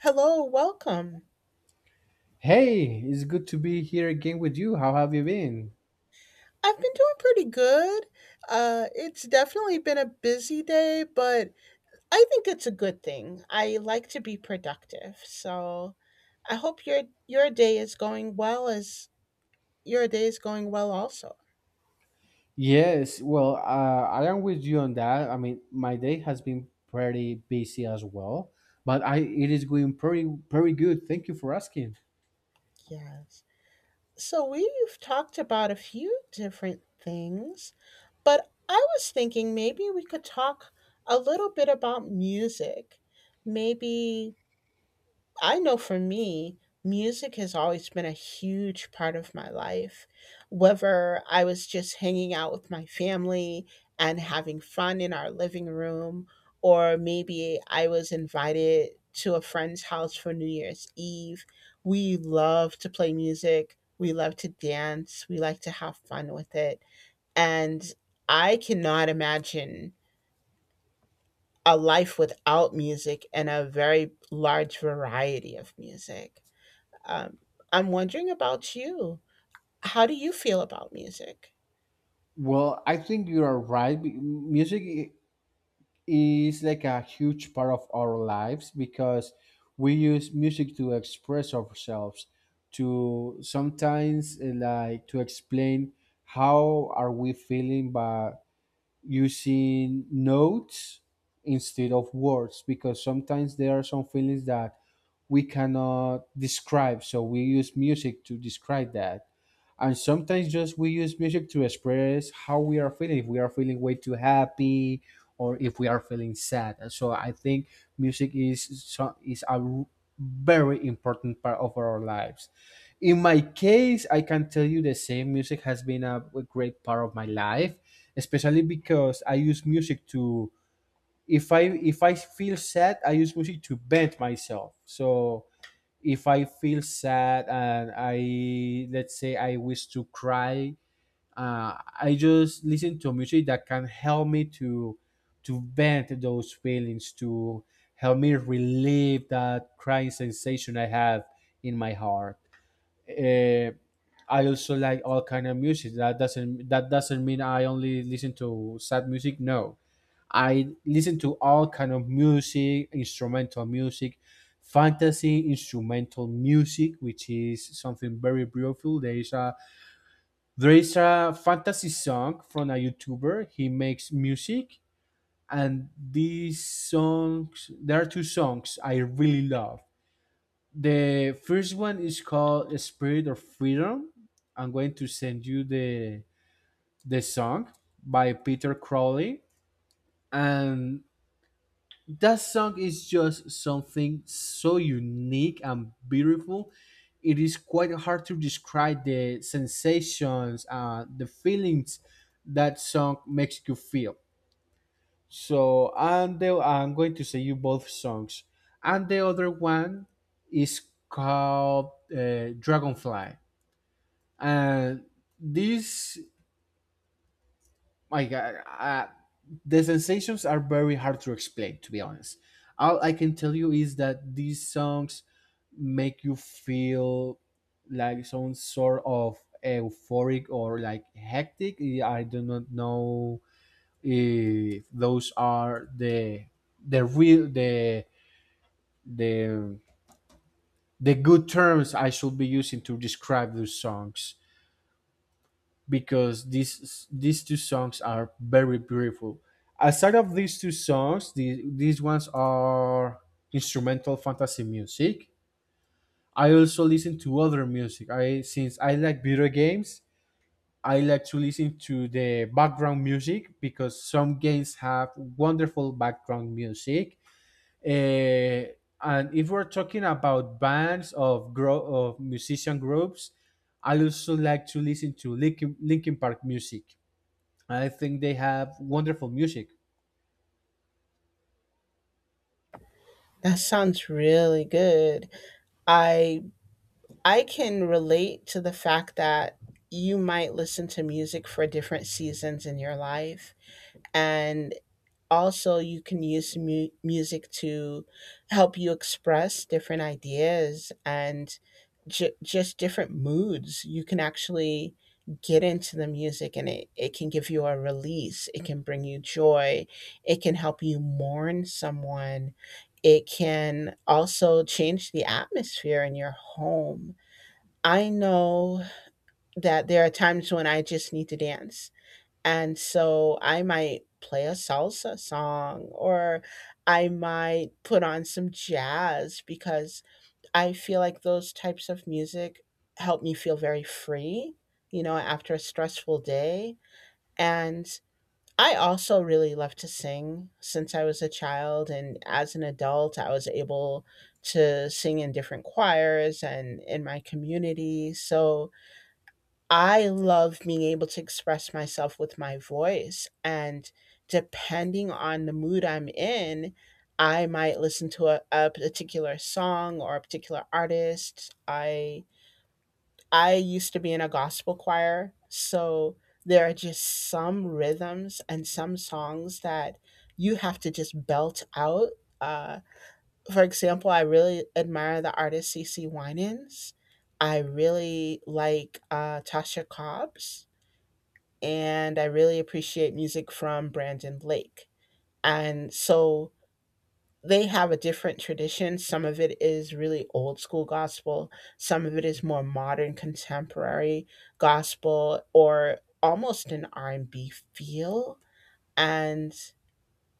Hello, welcome. Hey, it's good to be here again with you. How have you been? I've been doing pretty good. It's definitely been a busy day, but I think it's a good thing. I like to be productive, so I hope your day is going well as your day is going well also. Yes, well, I am with you on that. I mean, my day has been pretty busy as well, but I it is going pretty good. Thank you for asking. Yes. So we've talked about a few different things, but I was thinking maybe we could talk a little bit about music. Maybe I know for me, music has always been a huge part of my life. Whether I was just hanging out with my family and having fun in our living room, or maybe I was invited to a friend's house for New Year's Eve, we love to play music. We love to dance. We like to have fun with it. And I cannot imagine a life without music and a very large variety of music. Um, I'm wondering about you. How do you feel about music? Well, I think you are right. Music is like a huge part of our lives because we use music to express ourselves, to sometimes like to explain how are we feeling, but using notes instead of words because sometimes there are some feelings that we cannot describe, so we use music to describe that. And sometimes just we use music to express how we are feeling, if we are feeling way too happy or if we are feeling sad. And so I think music is a very important part of our lives. In my case, I can tell you the same. Music has been a great part of my life, especially because I use music to, if I feel sad, I use music to vent myself. So if I feel sad and I, let's say, I wish to cry, uh, I just listen to music that can help me to vent those feelings, to help me relieve that crying sensation I have in my heart. uh, I also like all kind of music. That doesn't mean I only listen to sad music. No, I listen to all kind of music, instrumental music, fantasy instrumental music, which is something very beautiful. There is a fantasy song from a YouTuber. He makes music, and these songs, there are two songs I really love. The first one is called Spirit of Freedom. I'm going to send you the song by Peter Crowley. And that song is just something so unique and beautiful. It is quite hard to describe the sensations and the feelings that song makes you feel. So and the, I'm going to say you both songs. And the other one is called Dragonfly. And these like the sensations are very hard to explain, to be honest. All I can tell you is that these songs make you feel like some sort of euphoric or like hectic. I do not know if those are the real the the the good terms I should be using to describe those songs, because these two songs are very beautiful. Aside of these two songs, the, these ones are instrumental fantasy music. I also listen to other music. I Since I like video games, I like to listen to the background music because some games have wonderful background music. Eh, and if we're talking about bands of of musician groups, I also like to listen to Linkin Park music. I think they have wonderful music. That sounds really good. I I can relate to the fact that you might listen to music for different seasons in your life and also you can use music to help you express different ideas and just different moods. You can actually get into the music and it can give you a release. It can bring you joy. It can help you mourn someone. It can also change the atmosphere in your home. I know that there are times when I just need to dance, and so I might play a salsa song or I might put on some jazz because I feel like those types of music help me feel very free, you know, after a stressful day. And I also really love to sing since I was a child. And as an adult, I was able to sing in different choirs and in my community. So I love being able to express myself with my voice. And depending on the mood I'm in, I might listen to a particular song or a particular artist. I used to be in a gospel choir, so there are just some rhythms and some songs that you have to just belt out. Uh, for example, I really admire the artist C. C. Winans. I really like Tasha Cobbs and I really appreciate music from Brandon Lake. And so they have a different tradition. Some of it is really old school gospel, some of it is more modern contemporary gospel or almost an R&B feel. And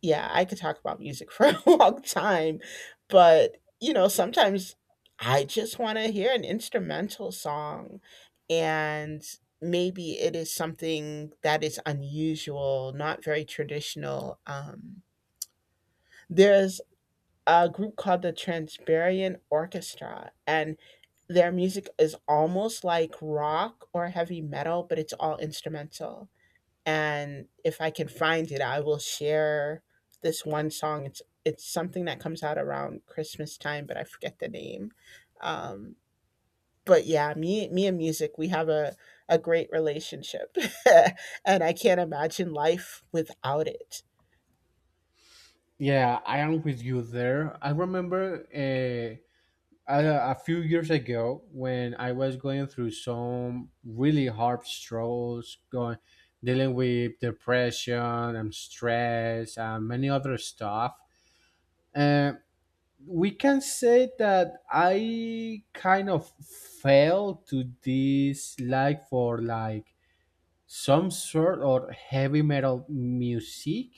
yeah, I could talk about music for a long time, but you know, sometimes I just want to hear an instrumental song and maybe it is something that is unusual, not very traditional. There's a group called the Transiberian Orchestra, and their music is almost like rock or heavy metal, but it's all instrumental. And if I can find it, I will share this one song. It's something that comes out around Christmas time, but I forget the name. Um, but yeah, me and music, we have a great relationship, and I can't imagine life without it. Yeah, I am with you there. I remember a few years ago when I was going through some really hard struggles, going dealing with depression and stress and many other stuff. Uh, we can say that I kind of fell to this like for like some sort of heavy metal music.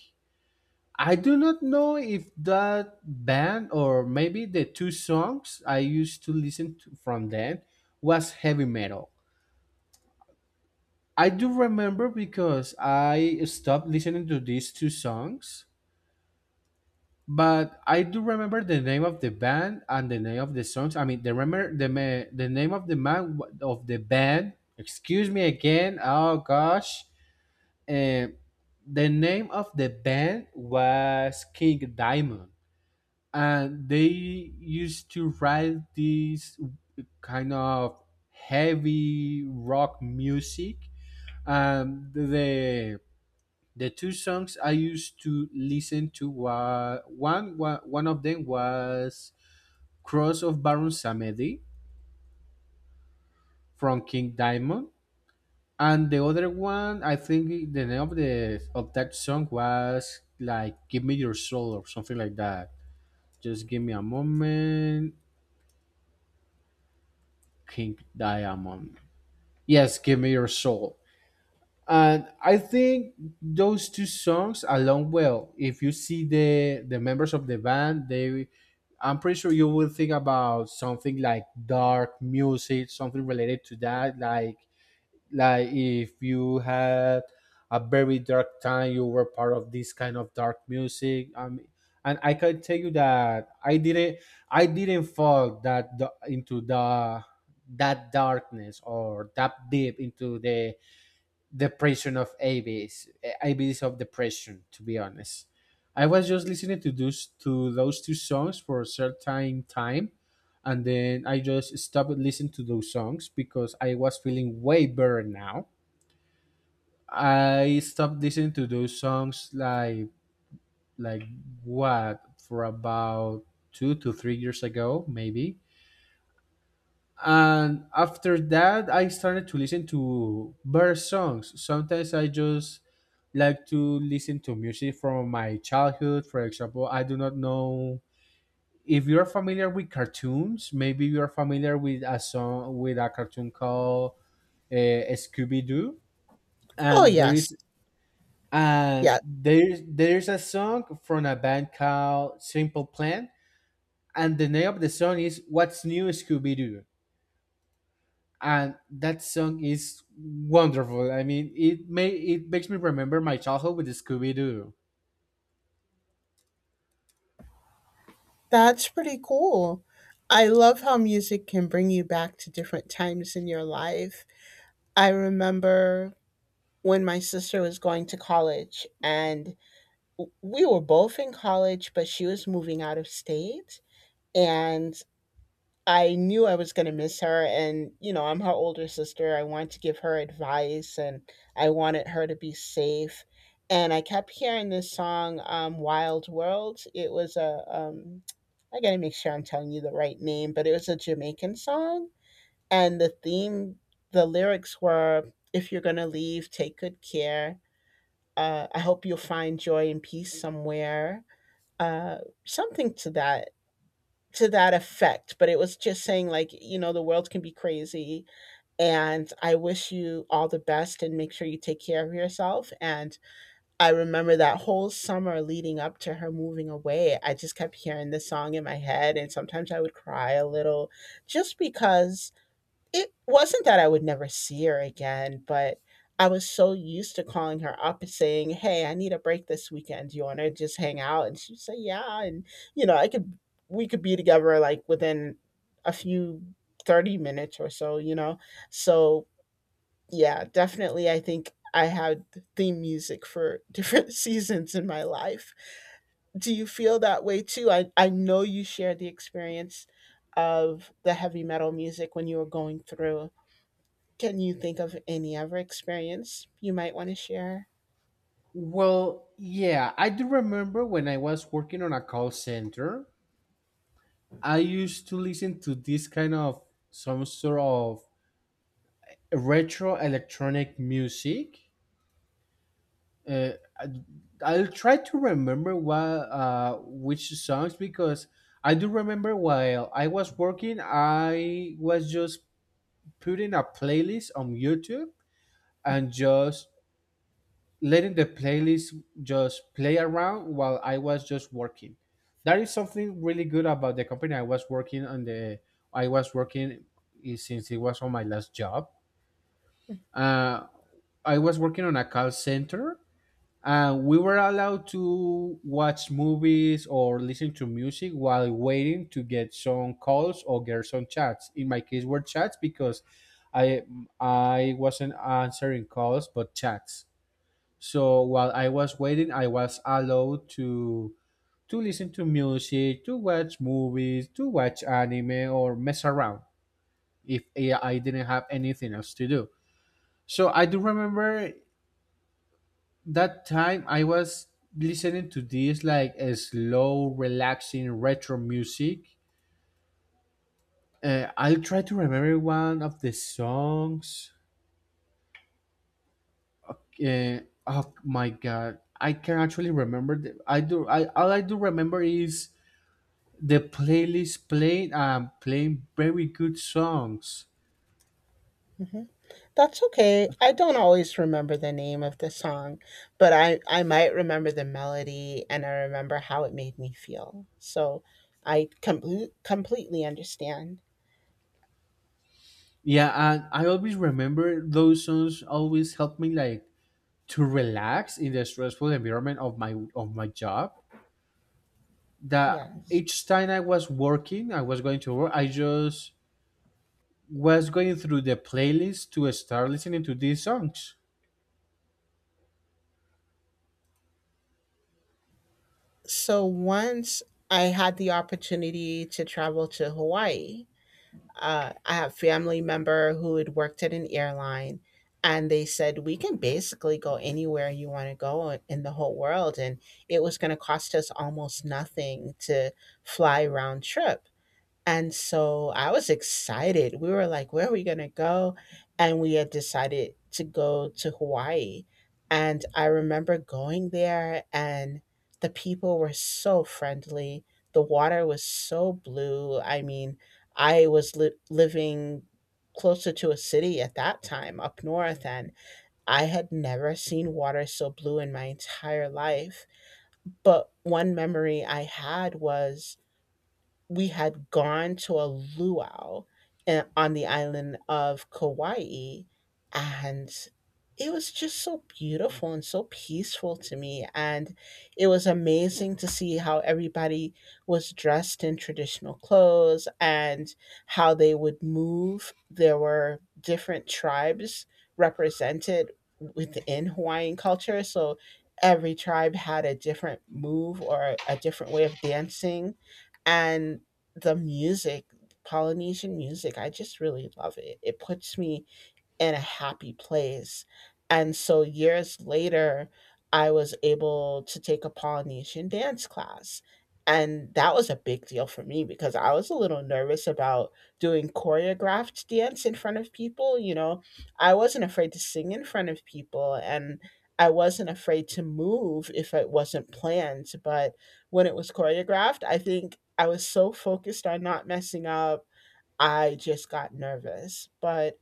I do not know if that band or maybe the two songs I used to listen to from then was heavy metal. I do remember, because I stopped listening to these two songs, but I do remember the name of the band and the name of the songs. I mean, the remember the name of of the band. Excuse me again. Oh gosh, and the name of the band was King Diamond. And they used to write these kind of heavy rock music. um the the two songs I used to listen to were one, one of them was Cross of Baron Samedi from King Diamond. And the other one, I think the name of the of that song was like Give Me Your Soul or something like that. Just give me a moment. King Diamond. Yes, Give Me Your Soul. And I think those two songs along well. If you see the members of the band, they, I'm pretty sure you will think about something like dark music, something related to that, like if you had a very dark time, you were part of this kind of dark music. And I can tell you that I didn't fall into the that darkness or that deep into the depression of abs of depression, to be honest. I was just listening to those two songs for a certain time, and then I just stopped listening to those songs because I was feeling way better now. I stopped listening to those songs like what for about 2 to 3 years ago, maybe. And after that, I started to listen to better songs. Sometimes I just like to listen to music from my childhood. For example, I do not know if you're familiar with cartoons. Maybe you're familiar with a song with a cartoon called Scooby Doo, Oh and there yes, is and yeah, there's a song from a band called Simple Plan, and the name of the song is "What's New Scooby Doo," and that song is wonderful. I mean, it makes me remember my childhood with Scooby Doo. that's pretty cool. I love how music can bring you back to different times in your life. I remember when my sister was going to college and we were both in college, but she was moving out of state. And I knew I was going to miss her. And, you know, I'm her older sister. I wanted to give her advice and I wanted her to be safe. And I kept hearing this song, Wild World. It was a, I got to make sure I'm telling you the right name, but it was a Jamaican song. And the theme, the lyrics were, if you're going to leave, take good care. I hope you'll find joy and peace somewhere, uh, something to that effect, but it was just saying like, you know, the world can be crazy and I wish you all the best and make sure you take care of yourself. And I remember that whole summer leading up to her moving away, I just kept hearing this song in my head and sometimes I would cry a little just because it wasn't that I would never see her again, but I was so used to calling her up and saying, "Hey, I need a break this weekend. Do you want to just hang out?" And she'd say, "Yeah," and you know, I could we could be together like within a few 30 minutes or so, you know. So, yeah, definitely I think I had theme music for different seasons in my life. Do you feel that way too? I know you shared the experience of the heavy metal music when you were going through. Can you think of any other experience you might want to share? Well, yeah, I do remember when I was working on a call center, I used to listen to this kind of some sort of retro electronic music. uh, I- I'll try to remember what which songs, because I do remember while I was working, I was just putting a playlist on YouTube and just letting the playlist just play around while I was just working. That is something really good about the company I was working on. The I was working, since it was on my last job. Uh, I was working on a call center, and we were allowed to watch movies or listen to music while waiting to get some calls or get some chats. In my case, were chats because I I wasn't answering calls but chats. So while I was waiting, I was allowed to listen to music, to watch movies, to watch anime or mess around if I didn't have anything else to do. So I do remember that time I was listening to this like a slow, relaxing retro music. I'll try to remember one of the songs. Uh, oh my god, I can actually remember. The, I do. I All I do remember is the playlist playing and playing very good songs. Mhm. That's okay. I don't always remember the name of the song, but I might remember the melody and I remember how it made me feel. So I completely understand. Yeah, and I always remember those songs. Always help me like to relax in the stressful environment of my job. That Yes. each time I was working, I was going to work, I just was going through the playlist to start listening to these songs. So once I had the opportunity to travel to Hawaii. I have family member who had worked at an airline, and they said we can basically go anywhere you want to go in the whole world, and it was going to cost us almost nothing to fly round trip. And so I was excited. We were like, where are we going to go? And we had decided to go to Hawaii. And I remember going there, and the people were so friendly. The water was so blue. I mean, I was living closer to a city at that time up north, and I had never seen water so blue in my entire life. But one memory I had was we had gone to a luau and on the island of Kauai, and it was just so beautiful and so peaceful to me. And it was amazing to see how everybody was dressed in traditional clothes and how they would move. There were different tribes represented within Hawaiian culture. So every tribe had a different move or a different way of dancing, and the music, Polynesian music, I just really love it. It puts me in a happy place. And so years later, I was able to take a Polynesian dance class. And that was a big deal for me because I was a little nervous about doing choreographed dance in front of people. You know, I wasn't afraid to sing in front of people and I wasn't afraid to move if it wasn't planned. But when it was choreographed, I think I was so focused on not messing up, I just got nervous. But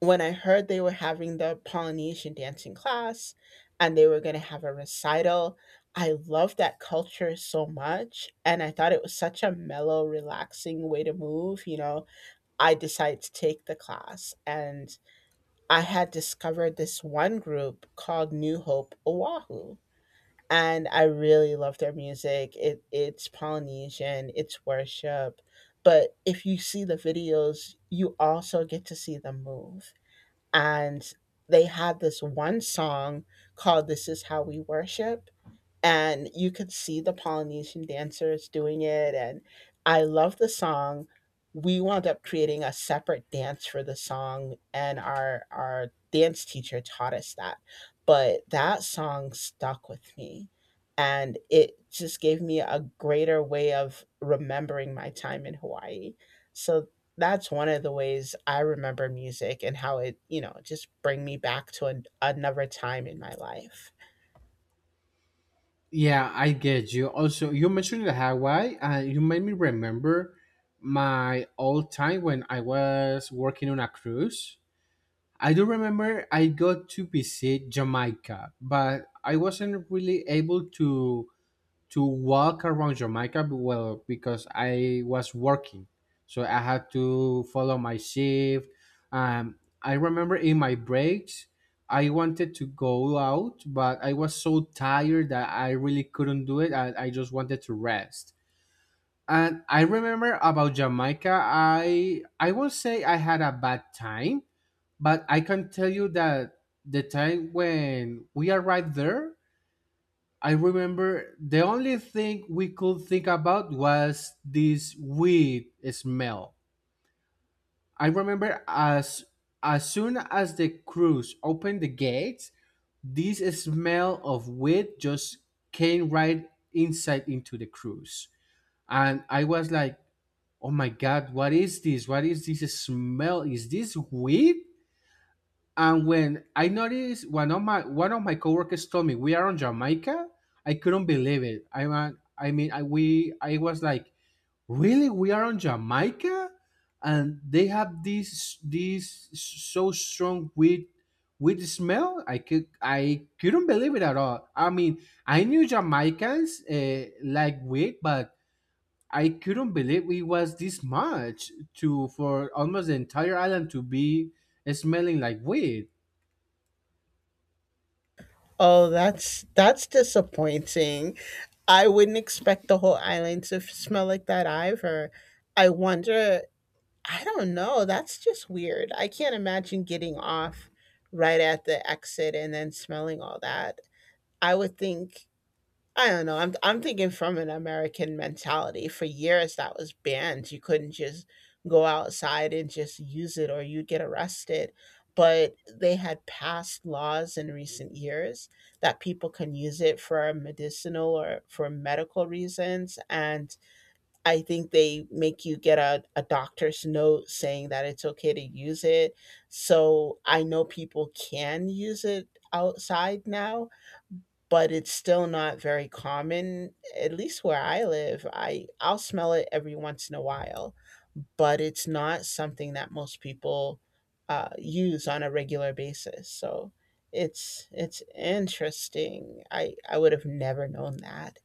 when I heard they were having the Polynesian dancing class and they were going to have a recital, I loved that culture so much. And I thought it was such a mellow, relaxing way to move. You know, I decided to take the class and I had discovered this one group called New Hope Oahu. And I really love their music. It's Polynesian, it's worship. But if you see the videos, you also get to see them move and they had this one song called "This Is How We Worship." And you could see the Polynesian dancers doing it. And I love the song. We wound up creating a separate dance for the song, and our dance teacher taught us that. But that song stuck with me, and it just gave me a greater way of remembering my time in Hawaii. So that's one of the ways I remember music and how it, you know, just bring me back to an, another time in my life. Yeah, I get you. Also, you mentioned the Hawaii, and you made me remember my old time when I was working on a cruise. I do remember I got to visit Jamaica, but I wasn't really able to walk around Jamaica well because I was working, so I had to follow my shift. Um, I remember in my breaks, I wanted to go out, but I was so tired that I really couldn't do it. I just wanted to rest. And I remember about Jamaica, I won't say I had a bad time, but I can tell you that the time when we arrived there, I remember the only thing we could think about was this weed smell. I remember as soon as the crews opened the gates, this smell of weed just came right inside into the cruise. And I was like, oh my god, what is this? What is this smell? Is this weed? And when I noticed, one of my coworkers told me we are on Jamaica, I couldn't believe it. I was like, really, we are on Jamaica, and they have this so strong weed smell. I could I couldn't believe it at all. I mean, I knew Jamaicans like weed, but I couldn't believe it was this much to for almost the entire island to be smelling like weed. Oh, that's disappointing. I wouldn't expect the whole island to smell like that either. I wonder, I don't know, that's just weird. I can't imagine getting off right at the exit and then smelling all that. I would think I don't know. I'm thinking from an American mentality. For years that was banned. You couldn't just go outside and just use it or you'd get arrested. But they had passed laws in recent years that people can use it for medicinal or for medical reasons. And I think they make you get a doctor's note saying that it's okay to use it. So I know people can use it outside now, but it's still not very common, at least where I live. I I'll smell it every once in a while, but it's not something that most people use on a regular basis. So it's interesting. I would have never known that.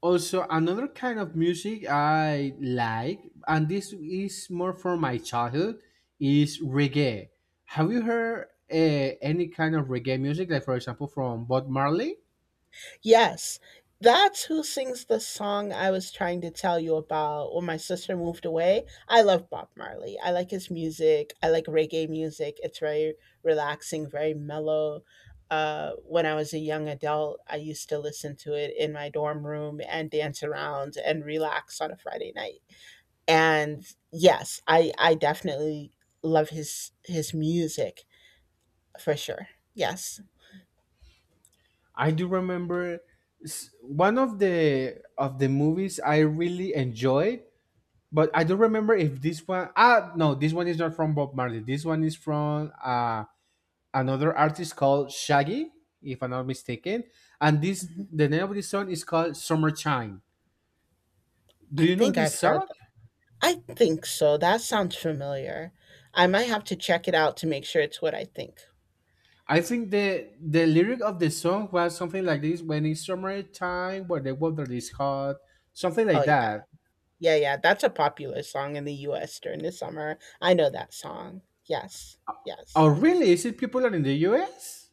Also, another kind of music I like, and this is more from my childhood, is reggae. Have you heard any kind of reggae music, like for example from Bob Marley? Yes, that's who sings the song I was trying to tell you about when my sister moved away. I love Bob Marley. I like his music. I like reggae music. It's very relaxing, very mellow. When I was a young adult, I used to listen to it in my dorm room and dance around and relax on a Friday night. And yes, I definitely love his music for sure. Yes. I do remember, one of the movies I really enjoyed, but I don't remember if this one. Ah, no, this one is not from Bob Marley. This one is from another artist called Shaggy, if I'm not mistaken. And this Mhm. the name of this song is called Summertime. Do I you know think I've this heard song? I think so. That sounds familiar. I might have to check it out to make sure it's what I think. I think the lyric of the song was something like this: "When it's summertime, where the weather is hot," something Oh, like yeah. that. Yeah, yeah. That's a popular song in the US during the summer. I know that song. Yes. Oh, Yes. really? Is it people are in the U.S.?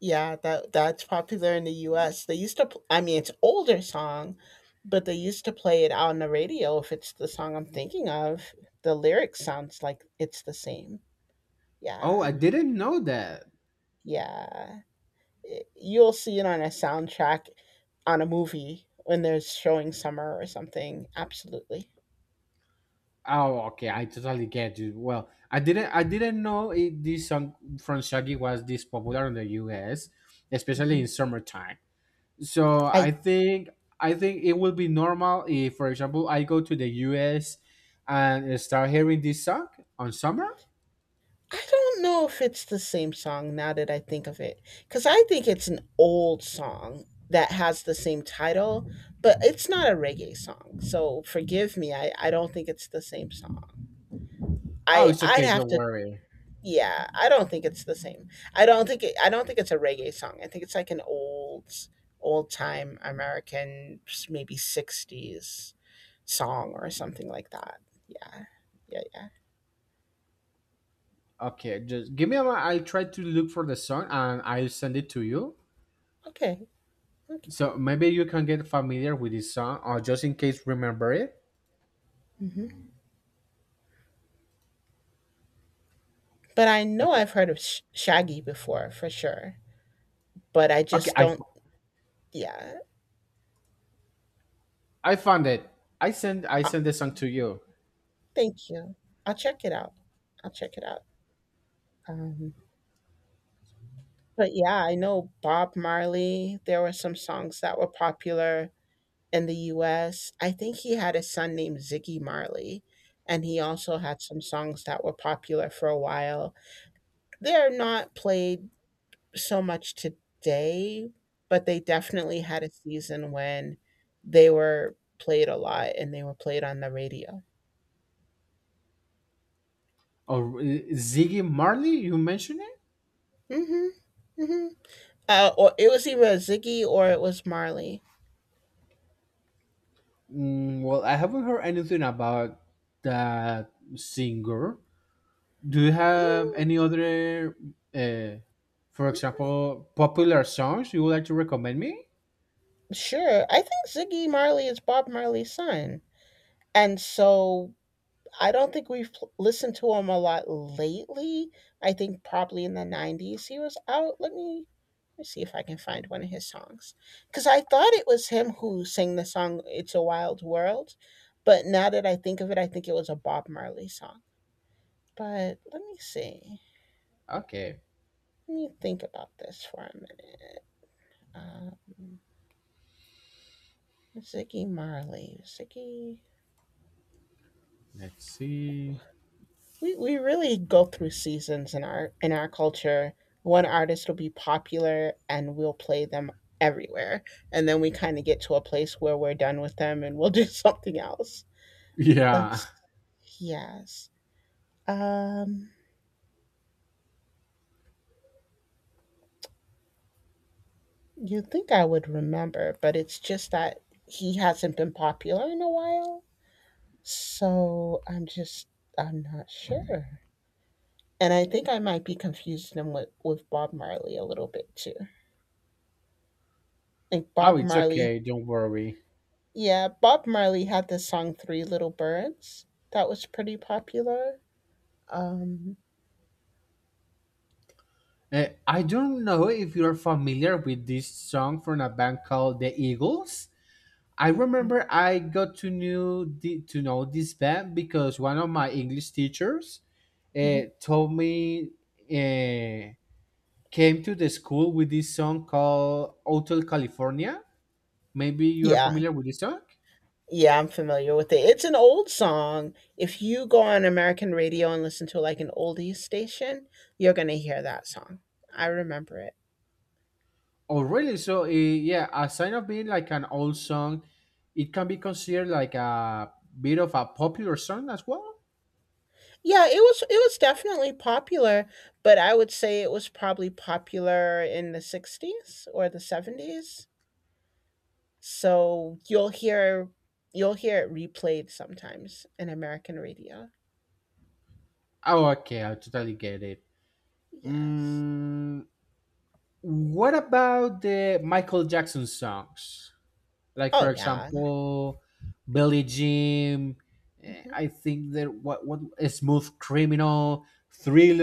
Yeah, that's popular in the US. They used to pl- I mean, it's older song, but they used to play it out on the radio if it's the song I'm thinking of. The lyrics sounds like it's the same. Oh, Yeah. I didn't know that. Yeah. You'll see it on a soundtrack on a movie when they're showing summer or something. Absolutely. Oh, okay, I totally get you. Well, I didn't know it, this song from Shaggy was this popular in the U.S., especially Hmm. in summertime. So I I think it will be normal if, for example, I go to the U.S. and start hearing this song on summer. I don't know if it's the same song now that I think of it cuz I think it's an old song that has the same title, but it's not a reggae song. So forgive me. I don't think it's the same song. Oh, I it's I'd okay. have Don't to worry. Yeah, I don't think it's the same. I don't think it's a reggae song. I think it's like an old maybe 60s song or something like that. Yeah. Yeah, yeah. Okay, just give me a. I'll try to look for the song and I'll send it to you. Okay. Okay. So maybe you can get familiar with this song, or just in case remember it. Hmm. But I know Okay. I've heard of Shaggy before for sure, but I Okay. just don't yeah. I found it. I Uh, send the song to you. Thank you. I'll check it out. I'll check it out. Um but yeah, I know Bob Marley. There were some songs that were popular in the US. I think he had a son named Ziggy Marley, and he also had some songs that were popular for a while. They're not played so much today, but they definitely had a season when they were played a lot and they were played on the radio. Oh, Ziggy Marley, you mentioned it. Hmm. Hmm. Or it was either Ziggy or it was Marley. Mm, well, I haven't heard anything about that singer. Do you have Mm. any other, uh, for example, popular songs you would like to recommend me? Sure. I think Ziggy Marley is Bob Marley's son. And so I don't think listened to him a lot lately. I think probably in the 90s he was out. Let me see if I can find one of his songs. Because I thought it was him who sang the song It's a Wild World. But now that I think of it, I think it was a Bob Marley song. But let me see. Okay, Let me think about this for a minute. Um, Ziggy Marley. Ziggy. let's see. We really go through seasons in our culture. One artist will be popular and we'll play them everywhere. And then we kind of get to a place where we're done with them and we'll do something else. Yeah. Let's yes. Um you think I would remember, but it's just that he hasn't been popular in a while. So I'm just I'm not sure. And I think I might be confusing him with Bob Marley a little bit too. Like Oh, Bob it's Marley okay. Don't worry. Yeah, Bob Marley had the song Three Little Birds. That was pretty popular. Um, I don't know if you're familiar with this song from a band called The Eagles. I remember I got to knew the, to know this band because one of my English teachers mhm, told me uh, came to the school with this song called Hotel California. Maybe you are yeah. familiar with this song. Yeah, I'm familiar with it. It's an old song. If you go on American radio and listen to like an oldies station, you're going to hear that song. I remember it. Oh, really? So, yeah, aside of being like an old song, it can be considered like a bit of a popular song as well. Yeah, it was definitely popular, but I would say it was probably popular in the 60s or the 70s. So, you'll hear it replayed sometimes in American radio. Oh, okay, I totally get it. Yes. Mm, what about the Michael Jackson songs? Like for Oh, yeah. example, Billy Jim. Mhm, I think that what a Smooth Criminal,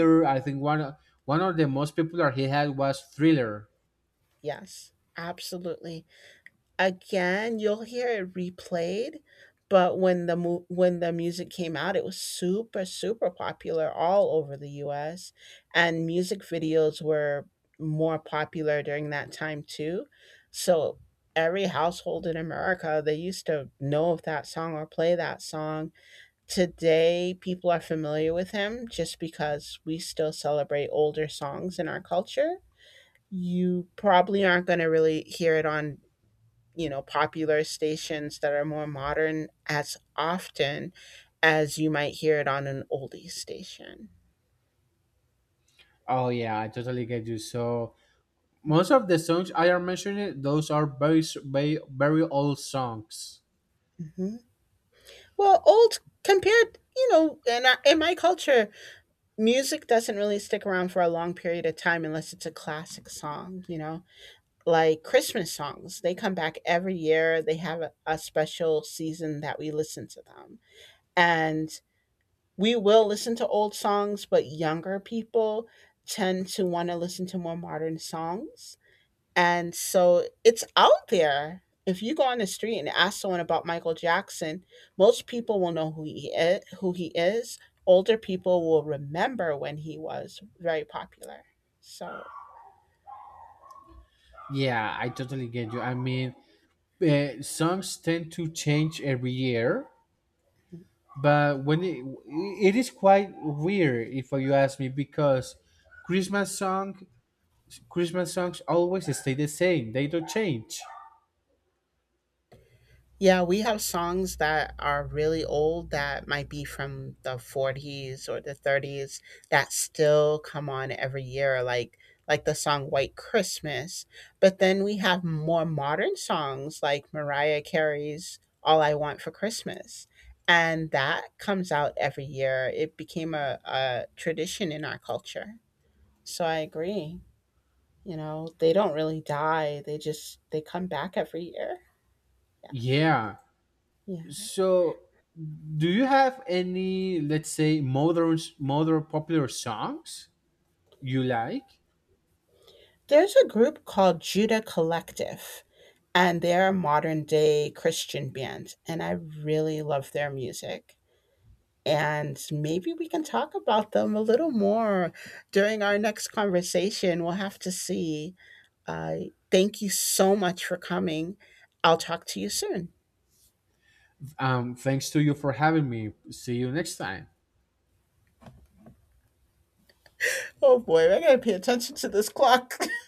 mhm, I think one of the yeah. most popular he had was Thriller. Yes, absolutely. Again, you'll hear it replayed, but when the music came out, it was super, super popular all over the US, and music videos were more popular during that time too. So every household in America, they used to know of that song or play that song. Today, people are familiar with him just because we still celebrate older songs in our culture. You probably aren't going to really hear it on, you know, popular stations that are more modern as often as you might hear it on an oldie station. Oh yeah, I totally get you. So most of the songs I are mentioning, those are very very old songs. Hmm. Well, old compared, you know, in my culture, music doesn't really stick around for a long period of time unless it's a classic song, you know? Like Christmas songs. They come back every year. They have a special season that we listen to them. And we will listen to old songs, but younger people tend to want to listen to more modern songs. And so it's out there. If you go on the street and ask someone about Michael Jackson, most people will know who he is. Older people will remember when he was very popular. So Yeah, I totally get you. I mean, songs tend to change every year. But when it is quite weird if you ask me because christmas song Christmas songs always stay the same, they don't change. yeah, we have songs that are really old that might be from the 40s or the 30s that still come on every year like the song White Christmas. But then we have more modern songs like Mariah Carey's All I Want for Christmas. And that comes out every year. It became a tradition in our culture. So I agree. You know, they don't really die. They come back every year. Yes. Yeah. Yeah. So do you have any, let's say, modern popular songs you like? There's a group called Judah Collective, and they're a modern day Christian band, and I really love their music. And maybe we can talk about them a little more during our next conversation. We'll have to see. Uh, Thank you so much for coming. I'll talk to you soon. Thanks to you for having me. See you next time. Oh boy, I gotta pay attention to this clock.